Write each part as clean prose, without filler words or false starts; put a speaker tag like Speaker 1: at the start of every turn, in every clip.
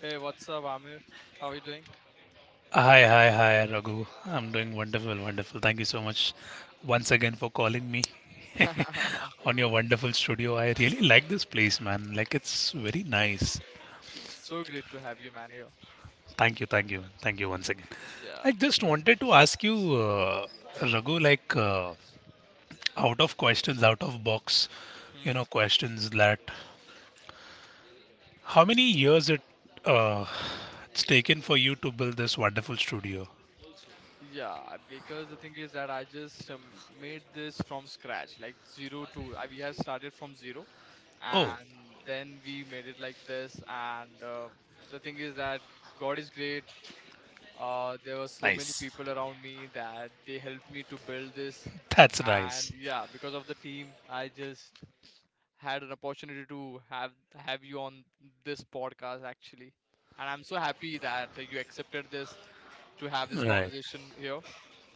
Speaker 1: Hey, what's up, Amir? How are you doing?
Speaker 2: Hi, hi, hi, Raghu. I'm doing wonderful, wonderful. Thank you so much once again for calling me on your wonderful studio. I really like this place, man. Like, it's very nice.
Speaker 1: So great to have you, man, here.
Speaker 2: Thank you, thank you, thank you once again.
Speaker 1: Yeah.
Speaker 2: I just wanted to ask you, Raghu, like, out of questions, out of box, you know,
Speaker 1: hmm
Speaker 2: questions that how many years uh, it's taken for you to build this wonderful studio?
Speaker 1: Yeah, because the thing is that I just made this from scratch, like zero to I, we have started from zero,
Speaker 2: Oh,
Speaker 1: and then we made it like this. And the thing is that God is great. There were so many people around me that they helped me to build this,
Speaker 2: that's
Speaker 1: and
Speaker 2: nice.
Speaker 1: yeah, because of the team, I just had an opportunity to have you on this podcast actually. And I'm so happy that you accepted this to have this
Speaker 2: Right.
Speaker 1: conversation here.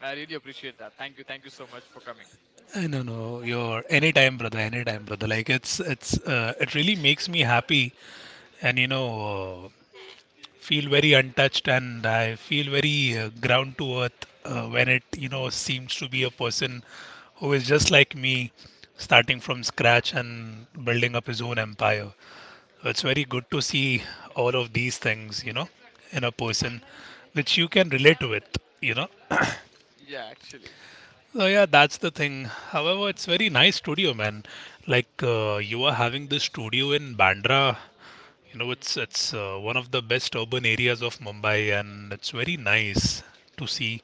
Speaker 1: I really appreciate that. Thank you. Thank you so much for coming.
Speaker 2: No, no, you're anytime, brother, anytime, brother. Like it's it really makes me happy, and you know, feel very untouched and I feel very ground to earth when it, you know, seems to be a person who is just like me, starting from scratch and building up his own empire. So it's very good to see all of these things, you know, in a person which you can relate with, you know.
Speaker 1: Yeah, actually.
Speaker 2: So yeah, that's the thing. However, it's very nice studio, man. Like you are having this studio in Bandra, you know, it's
Speaker 1: Hmm.
Speaker 2: it's uh, one of the best urban areas of Mumbai, and it's very nice to see.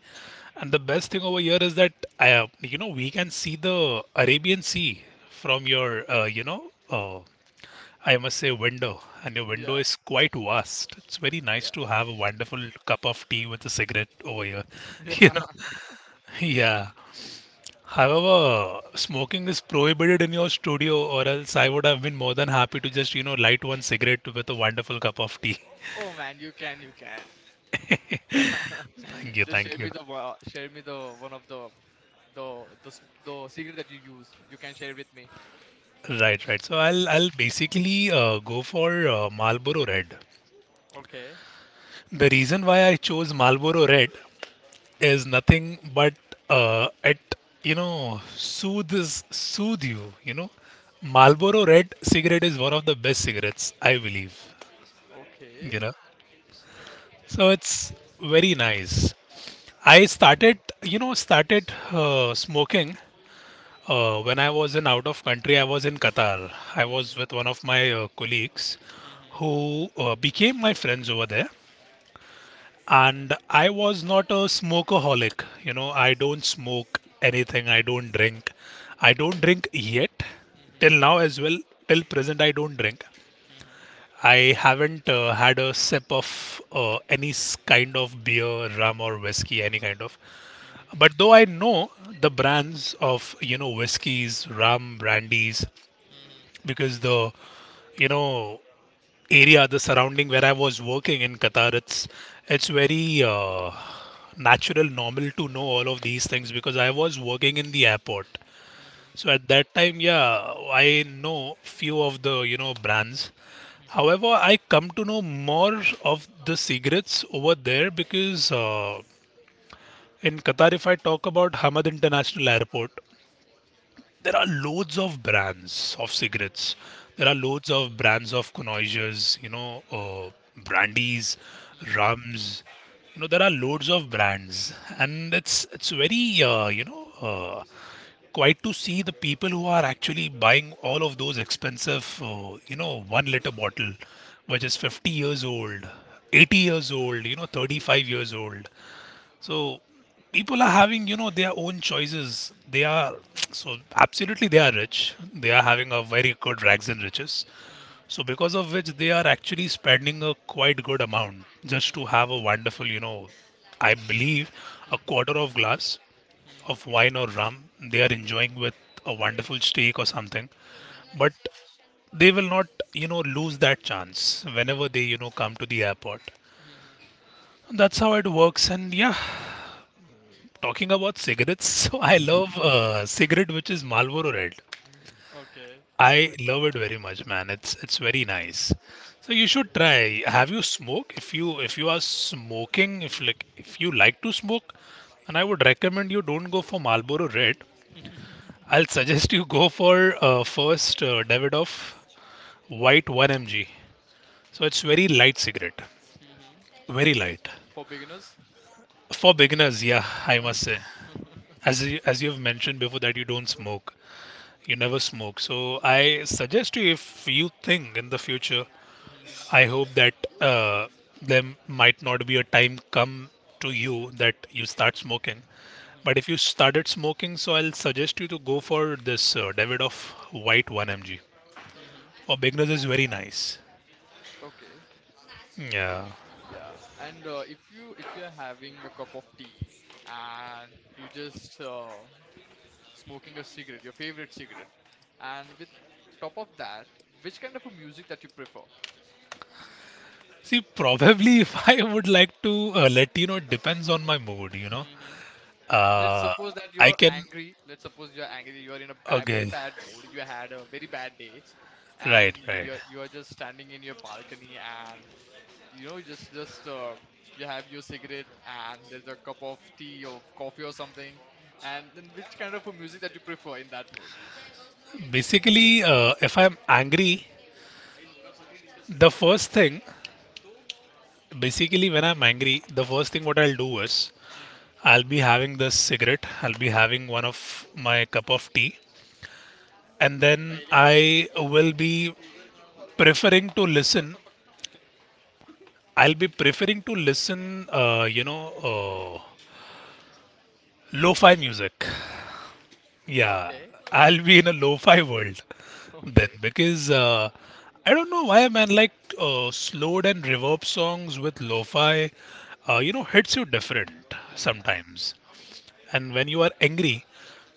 Speaker 2: And the best thing over here is that you know, we can see the Arabian Sea from your, you know, I must say window, and your window
Speaker 1: Yeah.
Speaker 2: is quite vast. It's very nice to
Speaker 1: Yeah.
Speaker 2: have a wonderful cup of tea with a cigarette over here. You
Speaker 1: Yeah.
Speaker 2: know, yeah. However, smoking is prohibited in your studio, or else I would have been more than happy to just, you know, light one cigarette with a wonderful cup of tea.
Speaker 1: Oh, oh, man, you can, you can.
Speaker 2: Thank you,
Speaker 1: Just
Speaker 2: thank
Speaker 1: share
Speaker 2: you.
Speaker 1: me the share me the one of the the the secret that you used. You can share it with me.
Speaker 2: Right, right. So I'll basically go for Marlboro Red.
Speaker 1: Okay.
Speaker 2: The reason why I chose Marlboro Red is nothing but it you know soothe you. You know, Marlboro Red cigarette is one of the best cigarettes I believe.
Speaker 1: Okay.
Speaker 2: You know, so it's very nice. I started you know started smoking. When I was in out of country, I was in Qatar. I was
Speaker 1: Mhm.
Speaker 2: with one of my colleagues
Speaker 1: Mhm.
Speaker 2: who became my friends over there. And I was not a smokeaholic. You know, I don't smoke anything. I don't drink. I don't drink yet. Till
Speaker 1: Mhm.
Speaker 2: now as well. Till present, I don't drink.
Speaker 1: Mhm.
Speaker 2: I haven't had a sip of kind of beer, rum, or whiskey, any kind of.
Speaker 1: Mhm.
Speaker 2: But though I know the brands of, you know, whiskeys, rum, brandies,
Speaker 1: Mhm.
Speaker 2: because the you know area the surrounding where I was working in Qatar, it's very natural normal to know all of these things because I was working in the airport.
Speaker 1: Mhm.
Speaker 2: So at that time, yeah, I know few of the you know brands.
Speaker 1: Mhm,
Speaker 2: However, I come to know more of the cigarettes over there because in Qatar, if I talk about Hamad International Airport, there are loads of brands of cigarettes. There are
Speaker 1: mhm,
Speaker 2: loads of brands of connoisseurs, you know, brandies,
Speaker 1: mhm,
Speaker 2: rums. You know, there are loads of brands, and it's very quite to see the people who are actually buying all of those expensive, you know, 1 liter bottle, which is 50 years old, 80 years old, you know, 35 years old. So people are having, you know, their own choices. They are so absolutely they are rich. They are having a very good rags and riches.
Speaker 1: mhm,
Speaker 2: So because of which they are actually spending a quite good amount just to
Speaker 1: mhm,
Speaker 2: have a wonderful, you know, I believe a
Speaker 1: mhm,
Speaker 2: quarter of glass
Speaker 1: mhm,
Speaker 2: of wine or rum. They are enjoying with a wonderful steak or something.
Speaker 1: mhm,
Speaker 2: But they will not, you know, lose that chance whenever
Speaker 1: mhm,
Speaker 2: they, you know, come to the airport.
Speaker 1: mhm, mhm.
Speaker 2: That's how it works, and yeah, talking about cigarettes, so I love cigarette which is Marlboro Red.
Speaker 1: Okay.
Speaker 2: I love it very much, man. It's very nice. So you should try. Have you smoke? If you are smoking, if like if you like to smoke, and I would recommend you don't go for Marlboro Red. I'll suggest you go for first Davidoff White 1 mg. So it's very light cigarette,
Speaker 1: Mhm.
Speaker 2: very light
Speaker 1: For beginners?
Speaker 2: for beginners. Yeah, I must say,
Speaker 1: Mhm,
Speaker 2: as you have mentioned before that you don't smoke. You never smoke. So I suggest you if you think in the future, I
Speaker 1: mhm,
Speaker 2: hope that uh, there might not be a time come to you that you start smoking.
Speaker 1: mhm,
Speaker 2: But if you started smoking, so I'll suggest you to go for this Davidoff White 1 mg.
Speaker 1: mhm.
Speaker 2: For beginners, is very nice.
Speaker 1: Okay.
Speaker 2: Yeah.
Speaker 1: Yeah. And if you if you're having a cup of tea and you just smoking a cigarette, your favorite cigarette, and with top of that, which kind of a music that you prefer?
Speaker 2: See, probably if I would like to let you know, it depends on my mood, you know.
Speaker 1: Let's
Speaker 2: Uh,
Speaker 1: suppose that
Speaker 2: I
Speaker 1: you're
Speaker 2: can.
Speaker 1: angry, let's suppose you're angry, you're in a bad, very
Speaker 2: Okay.
Speaker 1: bad mood, you had a very bad day, and
Speaker 2: Right, right.
Speaker 1: you are just standing in your balcony and you know just you have your cigarette and there's a cup of tea or coffee or something, and then which kind of a music that you prefer in that mood?
Speaker 2: Basically, if I'm angry, the first thing, basically, when I'm angry, the first thing what I'll do is
Speaker 1: Mhm,
Speaker 2: I'll be having this cigarette, I'll be
Speaker 1: mhm.
Speaker 2: having one of my cup of tea, and then I will be preferring to listen. I'll be preferring to listen, uh, lo fi music. Yeah,
Speaker 1: Okay.
Speaker 2: I'll be in a lo-fi world then
Speaker 1: Okay.
Speaker 2: because I don't know why, man. Like slowed and reverb songs with lo-fi, you know, hits you different
Speaker 1: mhm,
Speaker 2: sometimes. And when you are angry,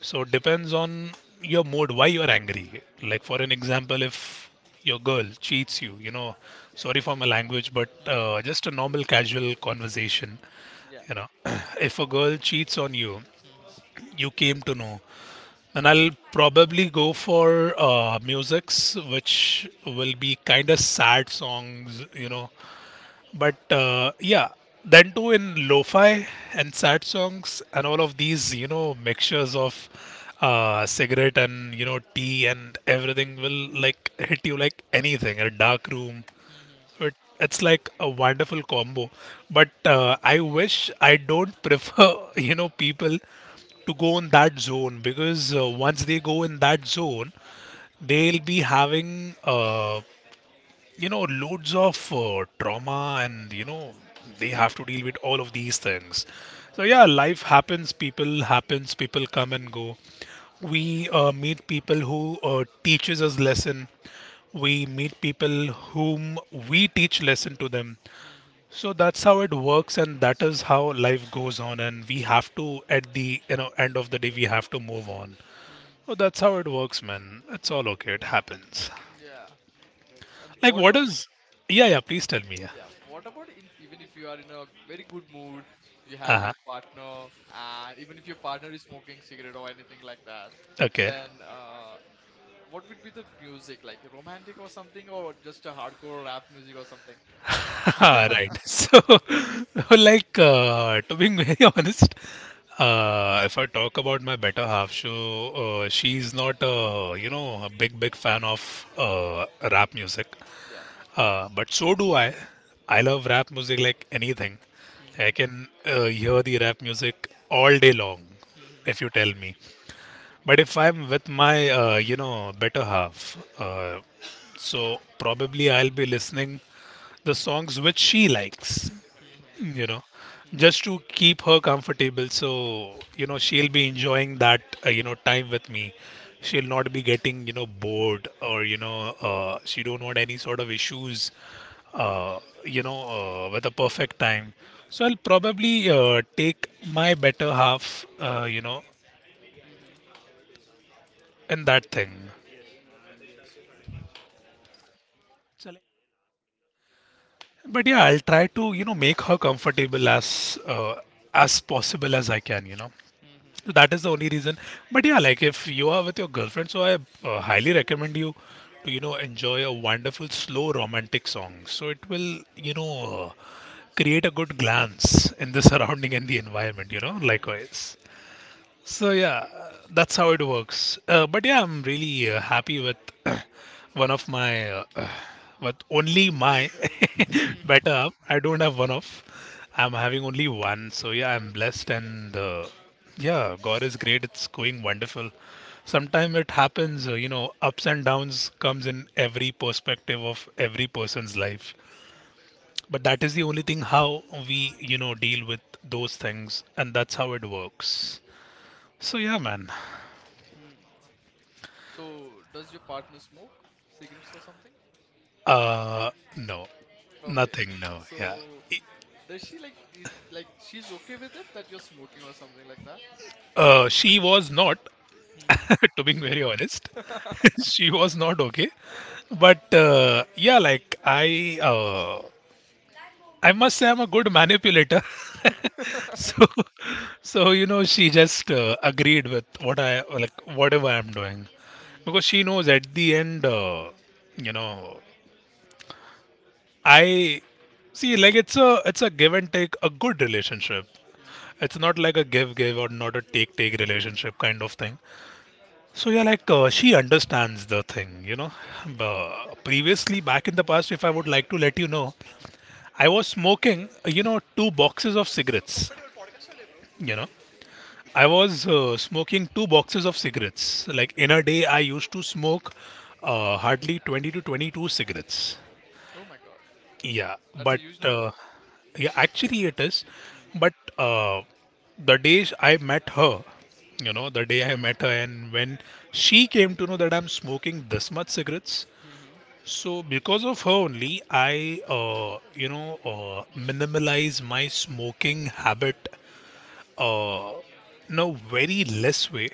Speaker 2: so it depends on your mood why you are angry. Like
Speaker 1: mhm,
Speaker 2: for an example, if your girl cheats you, you know, sorry for my language, but
Speaker 1: mhm,
Speaker 2: just a normal casual conversation,
Speaker 1: yeah
Speaker 2: you know, if a girl cheats on you,
Speaker 1: mhm,
Speaker 2: you came to know. And I'll probably go for musics, which will be kind of sad songs, you know.
Speaker 1: mhm,
Speaker 2: But yeah, then too in lo-fi and sad songs and all of these, you know, mixtures of cigarette and you know tea and everything will like hit you like anything. A dark room,
Speaker 1: mhm,
Speaker 2: it, it's like a wonderful combo. But I wish I don't prefer, you know, people to go in that zone because once they go in that zone, they'll be having you know loads of trauma and you know they
Speaker 1: mhm,
Speaker 2: have to deal with all of these things. So
Speaker 1: mhm,
Speaker 2: yeah, life happens, people happens, people come and go. We meet people who teaches us lesson, we meet people whom we teach lesson to them.
Speaker 1: mhm,
Speaker 2: So that's how it works, and that is how life goes on, and we have to at the you know end of the day we have to move on.
Speaker 1: mhm.
Speaker 2: So that's how it works, man. It's all okay. It happens.
Speaker 1: Yeah, and
Speaker 2: Like
Speaker 1: what
Speaker 2: what
Speaker 1: about it?
Speaker 2: is, yeah, yeah, please tell me, yeah.
Speaker 1: Yeah. What about if, even if you are in a very good mood, you have
Speaker 2: Uh-huh.
Speaker 1: your partner, and even if your partner is smoking cigarette or anything like that,
Speaker 2: Okay.
Speaker 1: then what would be the music like romantic or something, or just a hardcore rap music or something?
Speaker 2: Right. So, like, to being very honest, if I talk about my better half, so she's not, you know, a big fan of rap music.
Speaker 1: Yeah.
Speaker 2: But so do I. I love rap music like anything. I
Speaker 1: Mhm.
Speaker 2: can hear the rap music all day long,
Speaker 1: Mhm.
Speaker 2: if you tell me. But if I'm with my, you know, better half, so probably I'll be listening the songs which she likes,
Speaker 1: Mhm.
Speaker 2: you know,
Speaker 1: Mhm.
Speaker 2: just to keep her comfortable. So, you know, she'll be enjoying that, you know, time with me. She'll not be getting, you know, bored or, you know, she don't want any sort of issues, uh, you know, with a perfect time. So I'll probably take my better half, you know,
Speaker 1: Mhm.
Speaker 2: in that thing. But yeah, I'll try to, you know, make her comfortable as possible as I can, you know.
Speaker 1: Mhm.
Speaker 2: So that is the only reason. But yeah, like if you are with your girlfriend, so I highly recommend you to, you know, enjoy a wonderful slow romantic song. So it will, you know, create a good glance in the surrounding and the environment, you know,
Speaker 1: Mhm.
Speaker 2: likewise. So yeah, that's how it works. But yeah, I'm really happy with one of my, with only my
Speaker 1: Mhm.
Speaker 2: better. I don't have one of. I'm having only one. So yeah, I'm blessed and yeah, God is great. It's going wonderful. Sometimes it happens, you know, ups and downs comes in every perspective of every person's life. But that is the only thing how we, you know, deal with those things, and that's how it works. So yeah, man.
Speaker 1: Hmm. So, does your partner smoke cigarettes or something?
Speaker 2: Uh, no,
Speaker 1: Okay.
Speaker 2: nothing. No, yeah.
Speaker 1: So,
Speaker 2: I-
Speaker 1: does she like is like she's okay with it that you're smoking or something like that?
Speaker 2: She was not,
Speaker 1: Mm-hmm.
Speaker 2: to be very honest, she was not okay. But yeah, like I, I must say I'm a good manipulator. So, so you know, she just agreed with what I like, whatever I'm doing, because
Speaker 1: Mm-hmm.
Speaker 2: she knows at the end, you know, I see like it's a give and take a good relationship.
Speaker 1: Mm-hmm.
Speaker 2: It's not like a give give or not a take take relationship kind of thing. So yeah, she understands the thing.
Speaker 1: Mm-hmm.
Speaker 2: But previously, back in the past, if I would like to let you know, I was smoking, you know, two boxes of cigarettes. You know, I was smoking two boxes of cigarettes. Like in a day, I used to smoke hardly 20 to 22 cigarettes.
Speaker 1: Oh my god.
Speaker 2: Yeah,
Speaker 1: That's a
Speaker 2: but
Speaker 1: huge number.
Speaker 2: yeah, actually it is.
Speaker 1: Mm-hmm.
Speaker 2: But the day I met her, you know, the day I met her, and when she came to know that I'm smoking this much cigarettes,
Speaker 1: Mm-hmm.
Speaker 2: so because of her only, I minimalize my smoking habit uh, in a very less way.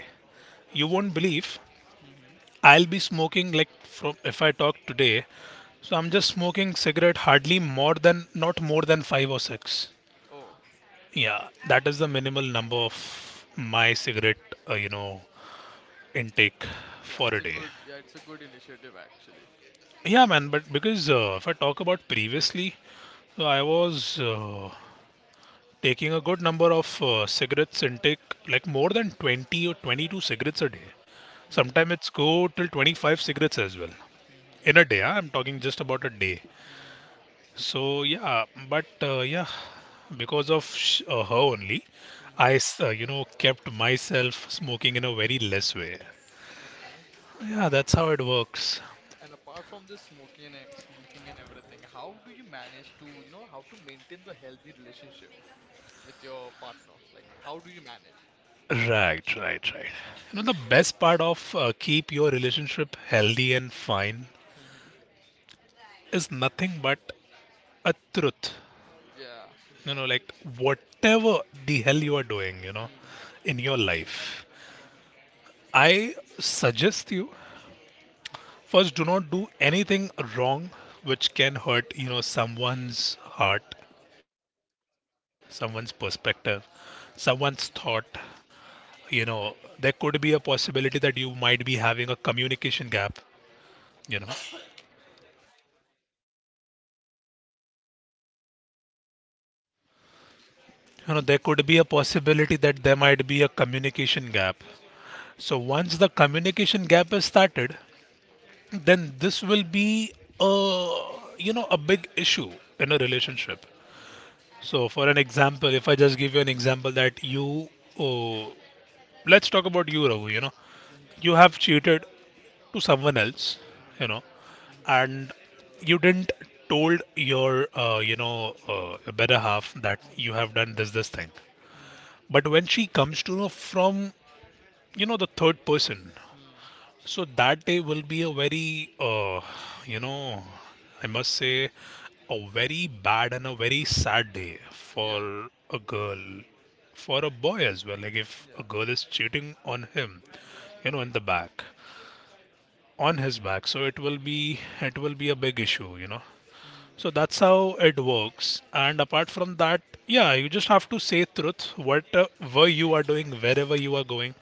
Speaker 2: You won't believe.
Speaker 1: Mm-hmm.
Speaker 2: I'll be smoking like from if I talk today, so I'm just smoking cigarette hardly more than not more than five or six.
Speaker 1: Oh,
Speaker 2: Yeah, that is the minimal number of my cigarette, uh, you know, intake
Speaker 1: yeah,
Speaker 2: for
Speaker 1: it's
Speaker 2: a
Speaker 1: a
Speaker 2: day.
Speaker 1: it's a good initiative actually.
Speaker 2: Yeah, man, but because if I talk about previously, so I was taking a good number of cigarettes intake, like more than 20 or 22 cigarettes a day.
Speaker 1: Mm-hmm.
Speaker 2: Sometimes it's go till 25 cigarettes as well
Speaker 1: Mm-hmm.
Speaker 2: in a day. Huh? I'm talking just about a day.
Speaker 1: Mm-hmm.
Speaker 2: So yeah, but uh, yeah, because of her only,
Speaker 1: Mm-hmm.
Speaker 2: I kept myself smoking in a very less way.
Speaker 1: Okay.
Speaker 2: Yeah, that's how it works.
Speaker 1: And apart from this smoking and smoking and everything, how do you manage to, you know, how to maintain the healthy relationship with your partner? Like, how do you manage?
Speaker 2: Right, right, right. You know the best part of keep your relationship healthy and fine
Speaker 1: Mm-hmm.
Speaker 2: is nothing but a truth.
Speaker 1: Yeah.
Speaker 2: You know, like whatever the hell you are doing, you know,
Speaker 1: Mm-hmm.
Speaker 2: in your life,
Speaker 1: Mm-hmm.
Speaker 2: I suggest you. First, do not do anything wrong which can hurt, you know, someone's heart, someone's perspective, someone's thought. You know, there could be a possibility that you might be having a communication gap. You know, you know, there could be a possibility that there might be a communication gap. So once the communication gap is started, then this will be a, you know, a big issue in a relationship. So, for an example, if I just give you an example that you, oh, let's talk about you, Raghu. You know,
Speaker 1: Mhm,
Speaker 2: you have cheated to someone else,
Speaker 1: mhm,
Speaker 2: you know,
Speaker 1: mhm,
Speaker 2: and you didn't told your, better half that
Speaker 1: mhm,
Speaker 2: you have done this thing.
Speaker 1: mhm,
Speaker 2: But when she comes to know from, you know, the third person,
Speaker 1: hmm.
Speaker 2: so that day will be a very, you know, I must say, a very bad and a very sad day
Speaker 1: Yeah,
Speaker 2: for a girl, for a boy as well. Like if a
Speaker 1: yeah.
Speaker 2: girl is cheating on him, you know, in the back, on his back. So it will be a big issue.
Speaker 1: Hmm.
Speaker 2: So that's how it works. And apart from that, yeah, you just have to say truth. What were you are doing wherever you are going,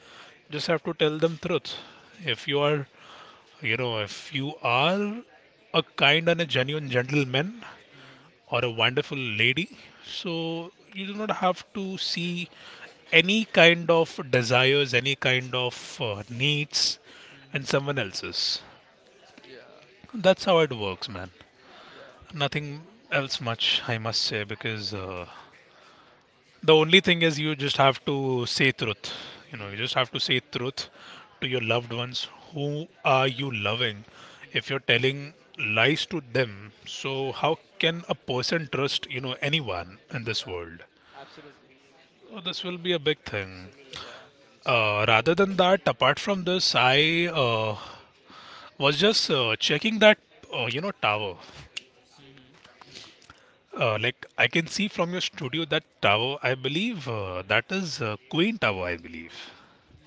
Speaker 2: just have to tell them truth. If you are, you know, if you are a kind and a genuine gentleman
Speaker 1: Mhm,
Speaker 2: or a wonderful lady, so you do not have to see any kind of desires, any kind of needs, and
Speaker 1: mhm,
Speaker 2: someone else's.
Speaker 1: yeah,
Speaker 2: That's how it works, man.
Speaker 1: yeah,
Speaker 2: Nothing else much, I must say, because the only thing is you just have to say truth. You just
Speaker 1: hmm,
Speaker 2: have to say truth to your loved ones. Who are you loving?
Speaker 1: mhm,
Speaker 2: If you're telling lies to them, so how can a person trust, you know, anyone in this
Speaker 1: yeah,
Speaker 2: world?
Speaker 1: absolutely.
Speaker 2: So this will be a big thing.
Speaker 1: Yeah,
Speaker 2: Rather than that, apart from this, I was just checking that, tower.
Speaker 1: mhm.
Speaker 2: Like I can see from your studio that tower, I believe that is Queen Tower, I believe.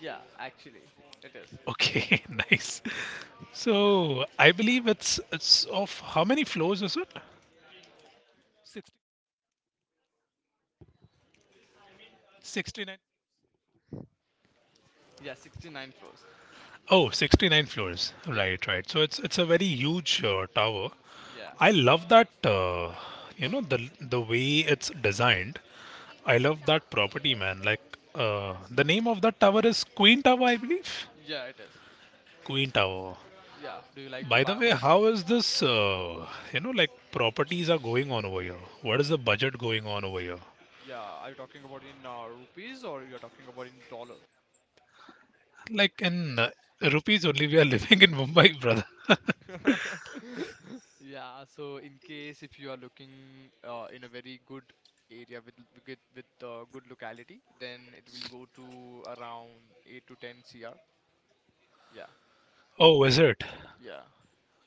Speaker 1: Yeah, actually, it is.
Speaker 2: Okay, nice. So I believe it's of how many floors is it? 60, 69.
Speaker 1: Yeah, 69 floors.
Speaker 2: Oh, 69 floors.
Speaker 1: Yeah,
Speaker 2: Right, right. So it's a very huge tower.
Speaker 1: yeah,
Speaker 2: I love that the way it's designed. I love that property, man. Like the name of that tower is Queen Tower, I believe.
Speaker 1: yeah, it is.
Speaker 2: Queen Tower.
Speaker 1: Yeah, do you like to
Speaker 2: By the
Speaker 1: buy
Speaker 2: way,
Speaker 1: oil?
Speaker 2: how is this, like properties are going on over here? What is the budget going on over here?
Speaker 1: Yeah, are you talking about in rupees or you're talking about in dollar?
Speaker 2: Like in rupees only, we are living in Mumbai, brother.
Speaker 1: Yeah, so in case if you are looking in a very good area with with good locality, then it will go to around 8 to 10 CR. Yeah,
Speaker 2: Oh, is it?
Speaker 1: yeah,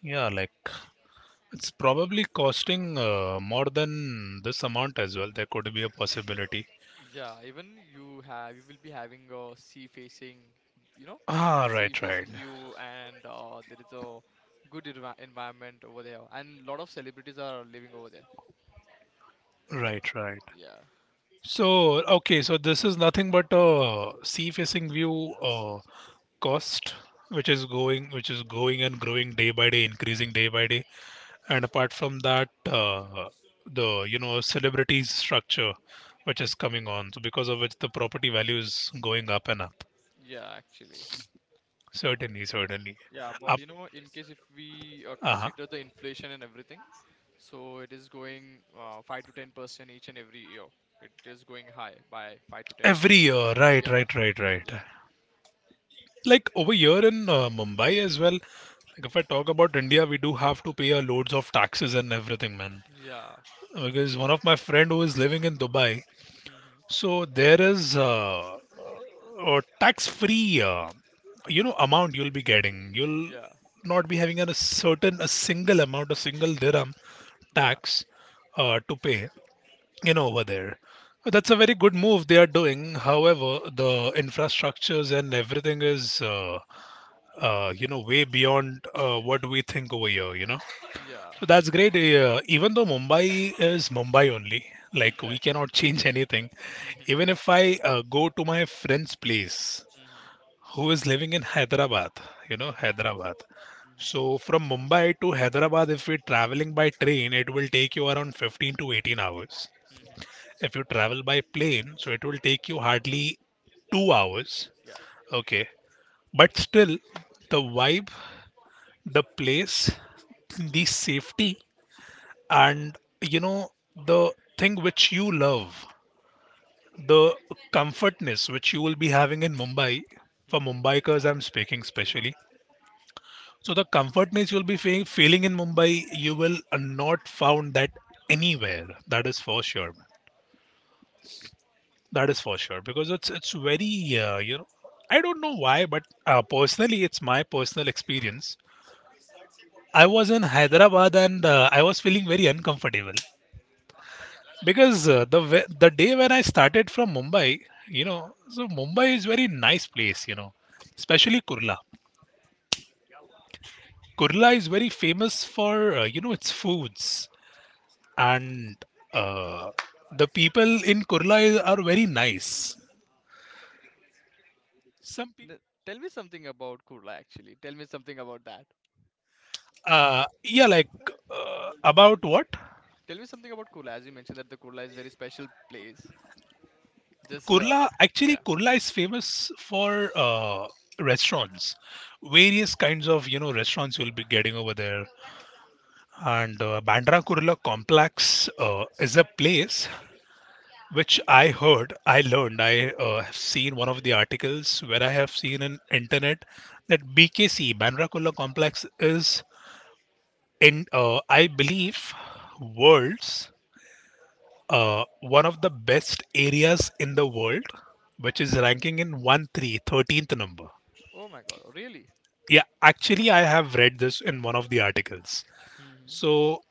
Speaker 2: Yeah, like it's probably costing more than this amount as well. There could be a possibility.
Speaker 1: yeah. Even you will be having a sea facing, you know,
Speaker 2: Ah,
Speaker 1: the sea
Speaker 2: right, right,
Speaker 1: facing view, and there is a good environment over there, and lot of celebrities are living over there.
Speaker 2: right, right.
Speaker 1: Yeah,
Speaker 2: So, okay, so this is nothing but a sea-facing view cost, which is going and growing day by day, increasing day by day. And apart from that, the celebrities structure, which is coming on, so because of which the property value is going up and up.
Speaker 1: yeah, actually.
Speaker 2: Certainly, certainly,
Speaker 1: Yeah, about
Speaker 2: up.
Speaker 1: you know, in case if we
Speaker 2: Uh-huh.
Speaker 1: consider the inflation and everything, so it is going 5 to 10 percent each and every year. It is going high by five to ten
Speaker 2: Every year,
Speaker 1: percent.
Speaker 2: right,
Speaker 1: Yeah,
Speaker 2: right, right, right.
Speaker 1: yeah,
Speaker 2: Like over here in Mumbai as well. Like if I talk about India, we do have to pay a loads of taxes and everything, man.
Speaker 1: yeah,
Speaker 2: Because one of my friend who is living in Dubai,
Speaker 1: hmm
Speaker 2: so there is a tax-free, amount you'll be getting. You'll
Speaker 1: yeah,
Speaker 2: not be having a certain a single amount, a single dirham
Speaker 1: yeah,
Speaker 2: tax to pay, you know, over there. That's a very good move they are doing. However, the infrastructures and everything is way beyond what we think over here, you know.
Speaker 1: yeah,
Speaker 2: So that's great. Even though Mumbai is Mumbai only, like we
Speaker 1: exactly.
Speaker 2: cannot change anything. Even if I go to my friend's place,
Speaker 1: Mhm,
Speaker 2: who is living in Hyderabad, you know,
Speaker 1: mhm,
Speaker 2: Hyderabad.
Speaker 1: mhm, mhm,
Speaker 2: So from Mumbai to Hyderabad, if we're traveling by train, it will take you around 15 to 18 hours.
Speaker 1: mhm,
Speaker 2: If you travel by plane, so it will take you hardly 2 hours.
Speaker 1: yeah.
Speaker 2: Okay. But still, the vibe, the place, the safety, and you know, the thing which you love, the comfortness which you will be having in Mumbai. For
Speaker 1: Mhm.
Speaker 2: Mumbaikers, I'm speaking specially. So the comfortness you'll be feeling in Mumbai, you will not found that anywhere. That is for sure. That is for sure because it's very I don't know why, but personally, it's my personal experience. I was in Hyderabad and I was feeling very uncomfortable. Because the day when I started from Mumbai, you know, so Mumbai is very nice place, you know, especially Kurla. Kurla is very famous for its foods and uh, the people in Kurla is, are very nice. Some people,
Speaker 1: N- Tell me something about Kurla actually. Tell me something about that.
Speaker 2: yeah, like about what.
Speaker 1: Tell me something about Kurla. As you mentioned that the Kurla is very special place. Just
Speaker 2: Kurla, actually
Speaker 1: yeah.
Speaker 2: Kurla is famous for restaurants. Various kinds of you know restaurants you'll be getting over there. And Bandra Kurla Complex is a place which I heard, I learned, I have seen one of the articles where I have seen in internet that BKC Bandra Kurla Complex is in, I believe, world's one of the best areas in the world, which is ranking in 1 3 13th number.
Speaker 1: Oh my God, really?
Speaker 2: Yeah, actually, I have read this in one of the articles.
Speaker 1: Hmm.
Speaker 2: So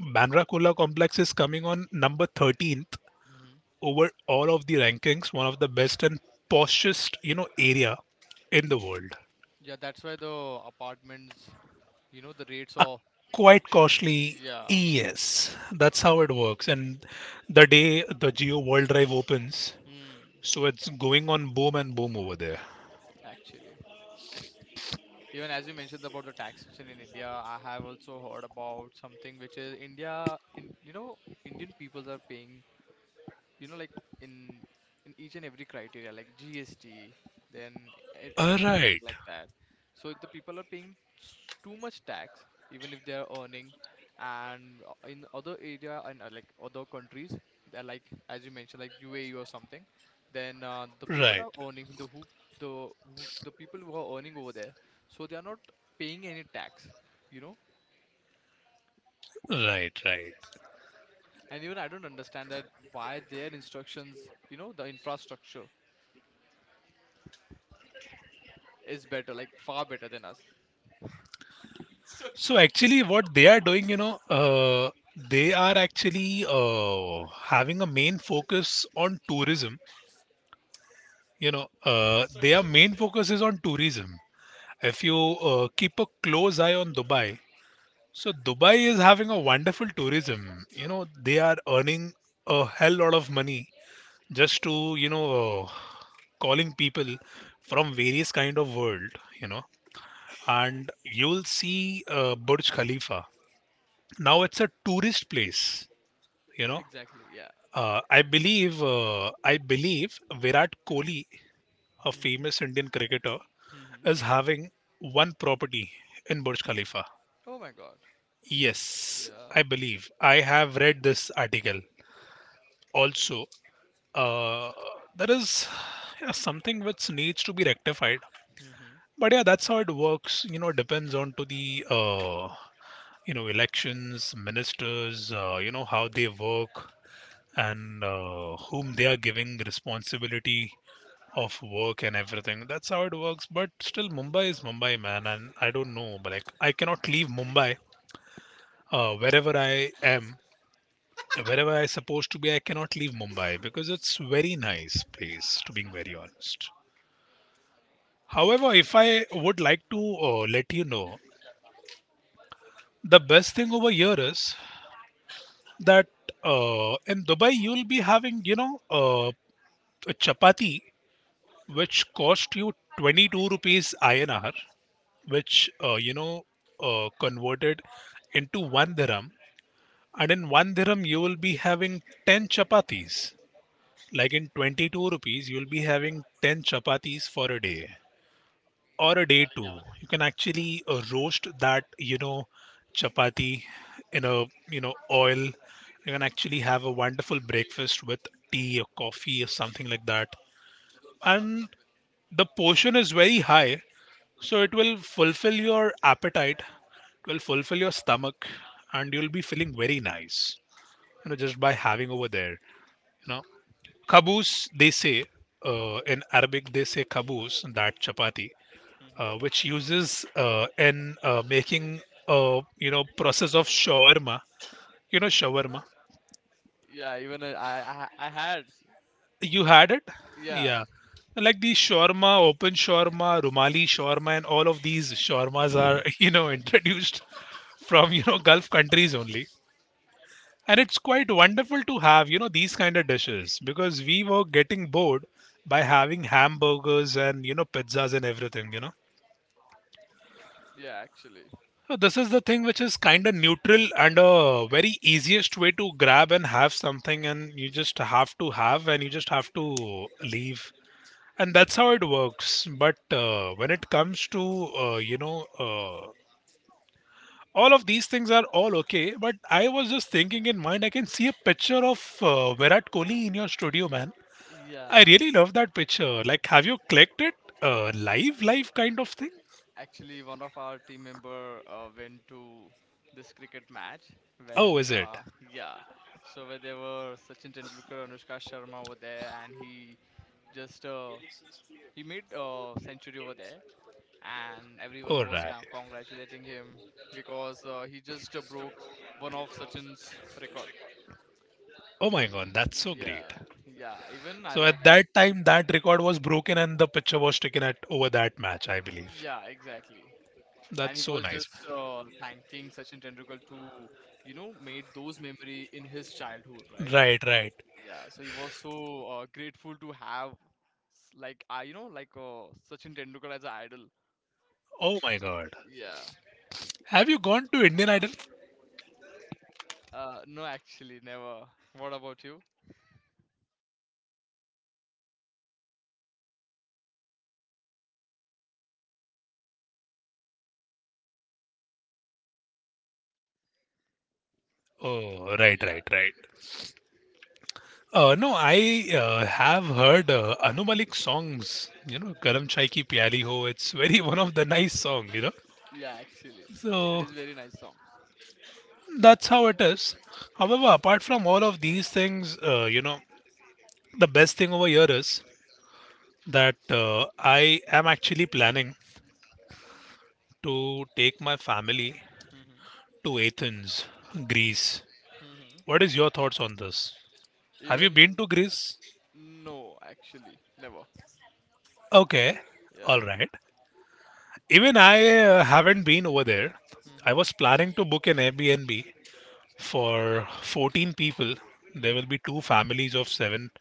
Speaker 2: Bandra Kurla Complex is coming on number 13th
Speaker 1: Hmm.
Speaker 2: over all of the rankings, one of the best and poshest, you know, area in the world.
Speaker 1: Yeah, that's why the apartments, you know, the rates are.
Speaker 2: Quite costly,
Speaker 1: Yeah.
Speaker 2: yes. That's how it works. And the day the Geo World Drive opens,
Speaker 1: Hmm.
Speaker 2: so it's going on boom and boom over there.
Speaker 1: Actually, even as you mentioned about the taxation in India, I have also heard about something which is India. In you know, Indian peoples are paying you know like in in each and every criteria like GST then everything
Speaker 2: Right,
Speaker 1: like that, so the people are paying too much tax even if they are earning and in other area and like other countries, they're like as you mentioned like UAE or something, then the people
Speaker 2: right,
Speaker 1: are earning the the people who are earning over there, so they are not paying any tax, you know.
Speaker 2: right, right.
Speaker 1: And even I don't understand that why their instructions you know the infrastructure is better, like far better than us.
Speaker 2: So actually, what they are doing, you know, they are actually having a main focus on tourism. Their main focus is on tourism. If you keep a close eye on Dubai, so Dubai is having a wonderful tourism. You know, they are earning a hell lot of money just to, calling people from various kind of world, you know. And you'll see Burj Khalifa. Now it's a tourist place, you know.
Speaker 1: Exactly. Yeah.
Speaker 2: I believe Virat Kohli, a
Speaker 1: Hmm.
Speaker 2: famous Indian cricketer,
Speaker 1: Hmm.
Speaker 2: is having one property in Burj Khalifa.
Speaker 1: Oh my God.
Speaker 2: Yes, I
Speaker 1: Yeah.
Speaker 2: believe. I have read this article. Also, uh, there is yeah, something which needs to be rectified.
Speaker 1: Hmm.
Speaker 2: But yeah, that's how it works. You know, depends on to the elections, ministers. You know how they work and whom they are giving responsibility of work and everything. That's how it works. But still, Mumbai is Mumbai, man, and I don't know. But like, I cannot leave Mumbai wherever I am, wherever I supposed to be, I cannot leave Mumbai because it's very nice place to being very honest. However, if I would like to let you know, the best thing over here is that in Dubai you'll be having a chapati which cost you 22 rupees INR, which converted into one dirham, and in one dirham you will be having 10 chapatis. Like in 22 rupees, you'll be having 10 chapatis for a day or a day two. You can actually roast that, chapati in a, oil. You can actually have a wonderful breakfast with tea or coffee or something like that. And the portion is very high, so it will fulfill your appetite, it will fulfill your stomach, and you'll be feeling very nice, just by having over there, know. Caboose, they say,
Speaker 1: Hmm.
Speaker 2: in Arabic, they say caboose, that chapati,
Speaker 1: Hmm.
Speaker 2: which uses in making, process of shawarma. You know, shawarma.
Speaker 1: Yeah. Even I had.
Speaker 2: You had it?
Speaker 1: Yeah.
Speaker 2: Yeah. Like the shawarma, open shawarma, rumali shawarma, and all of these shawarmas are, introduced from, Gulf countries only. And it's quite wonderful to have, these kind of dishes because we were getting bored by having hamburgers and, pizzas and everything.
Speaker 1: Yeah. Actually.
Speaker 2: So this is the thing which is kind of neutral and a very easiest way to grab and have something and you just have to have and you just have to leave. And that's how it works. But when it comes to, all of these things are all okay, but I was just thinking in mind, I can see a picture of Virat Kohli in your studio, man. I
Speaker 1: Yeah.
Speaker 2: really love that picture. Like, have you clicked it? Live kind of thing?
Speaker 1: Actually, one of our team member went to this cricket match
Speaker 2: Oh,
Speaker 1: when.
Speaker 2: is it?
Speaker 1: Yeah. So where there were Sachin Tendulkar, Anushka Sharma over there, and he just he made a century over there, and everyone
Speaker 2: All
Speaker 1: was
Speaker 2: right.
Speaker 1: congratulating him because he just broke one of Sachin's record.
Speaker 2: Oh my god, that's so great.
Speaker 1: Yeah, yeah.
Speaker 2: So
Speaker 1: Even I
Speaker 2: at
Speaker 1: like.
Speaker 2: that time, that record was broken and the picture was taken at over that match, I believe.
Speaker 1: Yeah, exactly. And
Speaker 2: That's
Speaker 1: he
Speaker 2: so
Speaker 1: was just
Speaker 2: nice.
Speaker 1: uh, thanking Sachin Tendulkar to, you know, made those memory in his childhood, right?
Speaker 2: Right, right.
Speaker 1: Yeah. So he was so grateful to have, like, I, you know, like Sachin Tendulkar as an idol.
Speaker 2: Oh my god.
Speaker 1: Yeah.
Speaker 2: Have you gone to Indian Idol?
Speaker 1: No, actually, never. What about you?
Speaker 2: Oh, right,
Speaker 1: Yeah,
Speaker 2: right, right. No, I have heard Anu Malik songs. You know, Karam Chai Ki Pyari Ho. It's very one of the nice song. You know.
Speaker 1: yeah. Actually, it
Speaker 2: So
Speaker 1: is very nice song.
Speaker 2: that's how it is. However, apart from all of these things, the best thing over here is that I am actually planning to take my family
Speaker 1: Hmm.
Speaker 2: to Athens, Greece.
Speaker 1: Hmm.
Speaker 2: What is your thoughts on this? Have you
Speaker 1: Even
Speaker 2: been to Greece?
Speaker 1: no, actually, never.
Speaker 2: Okay, all
Speaker 1: Yeah.
Speaker 2: right. Even I haven't been over there. I
Speaker 1: Hmm.
Speaker 2: was planning to book an Airbnb for 14 people. There will
Speaker 1: Hmm.
Speaker 2: be two families of seven,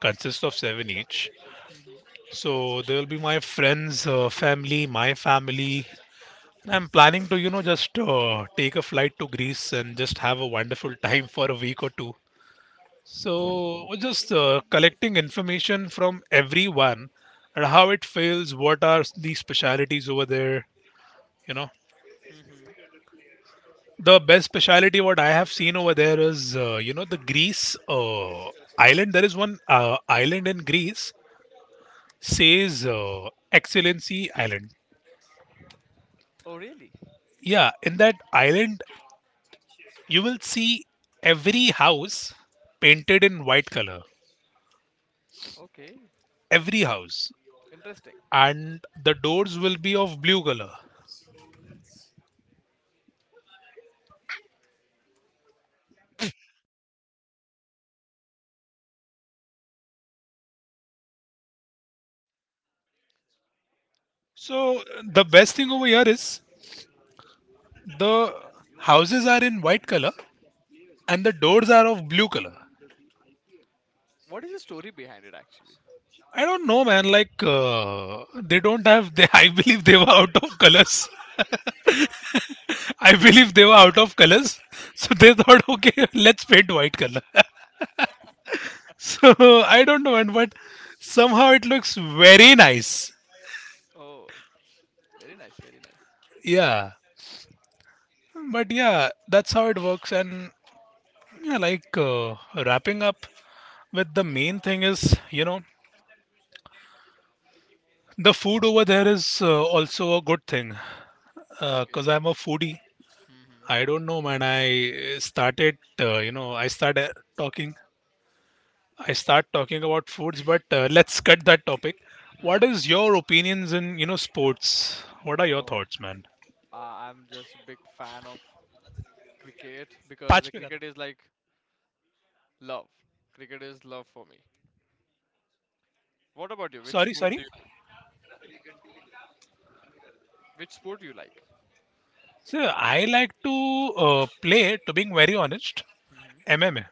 Speaker 2: consists of seven each.
Speaker 1: Hmm.
Speaker 2: So there will be my friends, family, my family. And I'm planning to, just take a flight to Greece and just
Speaker 1: Hmm.
Speaker 2: have a wonderful time for a week or two. So we're just collecting information from everyone and how it feels, what are the specialities over there, you know.
Speaker 1: Hmm.
Speaker 2: The best speciality what I have seen over there is, the Greece island. There is one island in Greece, says Excellency Island.
Speaker 1: Oh, really?
Speaker 2: Yeah, in that island, you will see every house painted in white color.
Speaker 1: Okay.
Speaker 2: Every house.
Speaker 1: Interesting.
Speaker 2: And the doors will be of blue color. So the best thing over here is the houses are in white color and the doors are of blue color.
Speaker 1: What is the story behind it, actually?
Speaker 2: I don't know, man. Like they don't have. They, I believe they were out of colors. I believe they were out of colors, so they thought, okay, let's paint white color. So I don't know, and but somehow it looks very nice.
Speaker 1: Oh, very nice, very nice.
Speaker 2: Yeah, but yeah, that's how it works. And yeah, like wrapping up with the main thing is, the food over there is also a good thing because
Speaker 1: Okay.
Speaker 2: I'm a foodie.
Speaker 1: Hmm.
Speaker 2: I don't know, man. I started, I started talking. I start talking about foods, but let's cut that topic. What
Speaker 1: Hmm.
Speaker 2: is your opinions in, sports? What are your
Speaker 1: Oh,
Speaker 2: thoughts, man?
Speaker 1: I I'm just big fan of cricket because
Speaker 2: पाँच
Speaker 1: the
Speaker 2: पे खत्म
Speaker 1: cricket is like love. Cricket is love for me. What about you?
Speaker 2: Sorry, sorry.
Speaker 1: Which sport do you like?
Speaker 2: So I like to play, to being very honest,
Speaker 1: Hmm.
Speaker 2: MMA.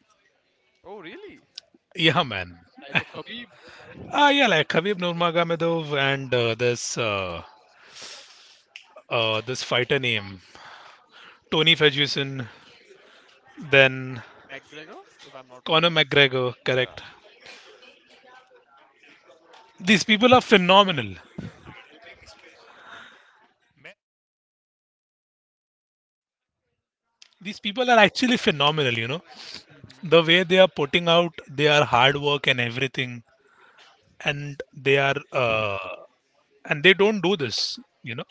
Speaker 1: Oh, really?
Speaker 2: Yeah, man.
Speaker 1: Like the Khabib
Speaker 2: Ah, yeah, like Khabib Nurmagomedov and this fighter name Tony Ferguson, then
Speaker 1: McGregor, if I'm not wrong.
Speaker 2: Conor McGregor.
Speaker 1: Yeah.
Speaker 2: Correct. These people are phenomenal. These people are actually phenomenal. You know,
Speaker 1: Mhm.
Speaker 2: the way they are putting out their hard work and everything, and they are and they don't do this. You know,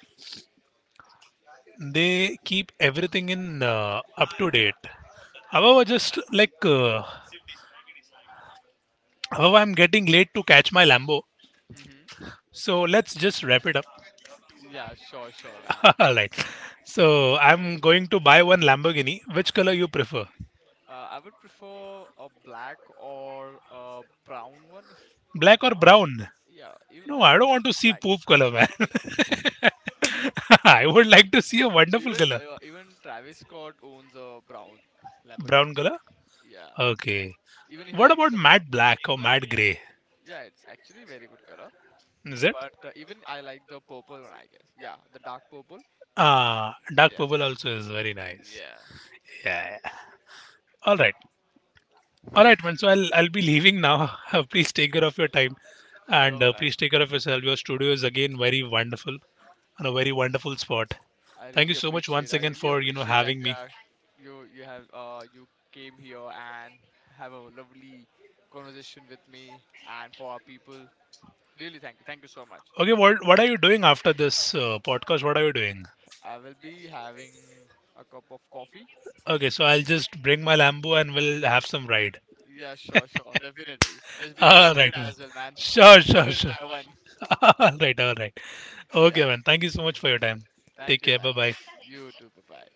Speaker 2: they keep everything in up to date. However, just like however, I'm getting late to catch my Lambo.
Speaker 1: Mhm.
Speaker 2: So let's just wrap it up.
Speaker 1: Yeah, sure, sure, man.
Speaker 2: All right. So I'm going to buy one Lamborghini. Which color
Speaker 1: Mhm.
Speaker 2: you prefer?
Speaker 1: I would prefer a black or a brown one if
Speaker 2: Black or
Speaker 1: brown.
Speaker 2: brown?
Speaker 1: Yeah, even
Speaker 2: No,
Speaker 1: no,
Speaker 2: I
Speaker 1: no,
Speaker 2: don't
Speaker 1: like
Speaker 2: want to see
Speaker 1: black.
Speaker 2: poop color, man. I would like to see a wonderful
Speaker 1: Even
Speaker 2: color.
Speaker 1: Travis Scott owns a brown
Speaker 2: Brown
Speaker 1: Lamborghini.
Speaker 2: color?
Speaker 1: Yeah.
Speaker 2: Okay.
Speaker 1: Even he
Speaker 2: What
Speaker 1: likes
Speaker 2: about
Speaker 1: the brown.
Speaker 2: matte black or matte gray?
Speaker 1: Yeah, it's actually very good color.
Speaker 2: Is it?
Speaker 1: But even I like the purple one, I guess. Yeah, the dark purple.
Speaker 2: Ah,
Speaker 1: Mm,
Speaker 2: dark
Speaker 1: yeah.
Speaker 2: purple also is very nice.
Speaker 1: Yeah.
Speaker 2: Yeah. All right. All right, man. So I'll be leaving now. Please take care of your time, and
Speaker 1: Sure, man.
Speaker 2: please take care of yourself. Your studio is again very wonderful, and a very wonderful spot.
Speaker 1: I
Speaker 2: Thank you
Speaker 1: really
Speaker 2: so much
Speaker 1: appreciate.
Speaker 2: once
Speaker 1: I
Speaker 2: again
Speaker 1: really
Speaker 2: for
Speaker 1: appreciate that
Speaker 2: having
Speaker 1: you
Speaker 2: me.
Speaker 1: are, you came here and have a lovely conversation with me and for our people. Really, thank you. Thank you so much.
Speaker 2: Okay, what are you doing after this podcast? What are you doing?
Speaker 1: I will be having a cup of coffee.
Speaker 2: Okay, so I'll just bring my Lambo and we'll have some ride.
Speaker 1: Yeah, sure, sure, definitely. Just bring your
Speaker 2: All right,
Speaker 1: cigarette
Speaker 2: man.
Speaker 1: as well, man.
Speaker 2: Sure,
Speaker 1: I
Speaker 2: sure,
Speaker 1: will
Speaker 2: sure.
Speaker 1: try one.
Speaker 2: All right, all right.
Speaker 1: Yeah,
Speaker 2: Okay, man. Thank you so much for your time. Take
Speaker 1: thank you,
Speaker 2: care. Bye
Speaker 1: man.
Speaker 2: bye.
Speaker 1: You too. Bye bye.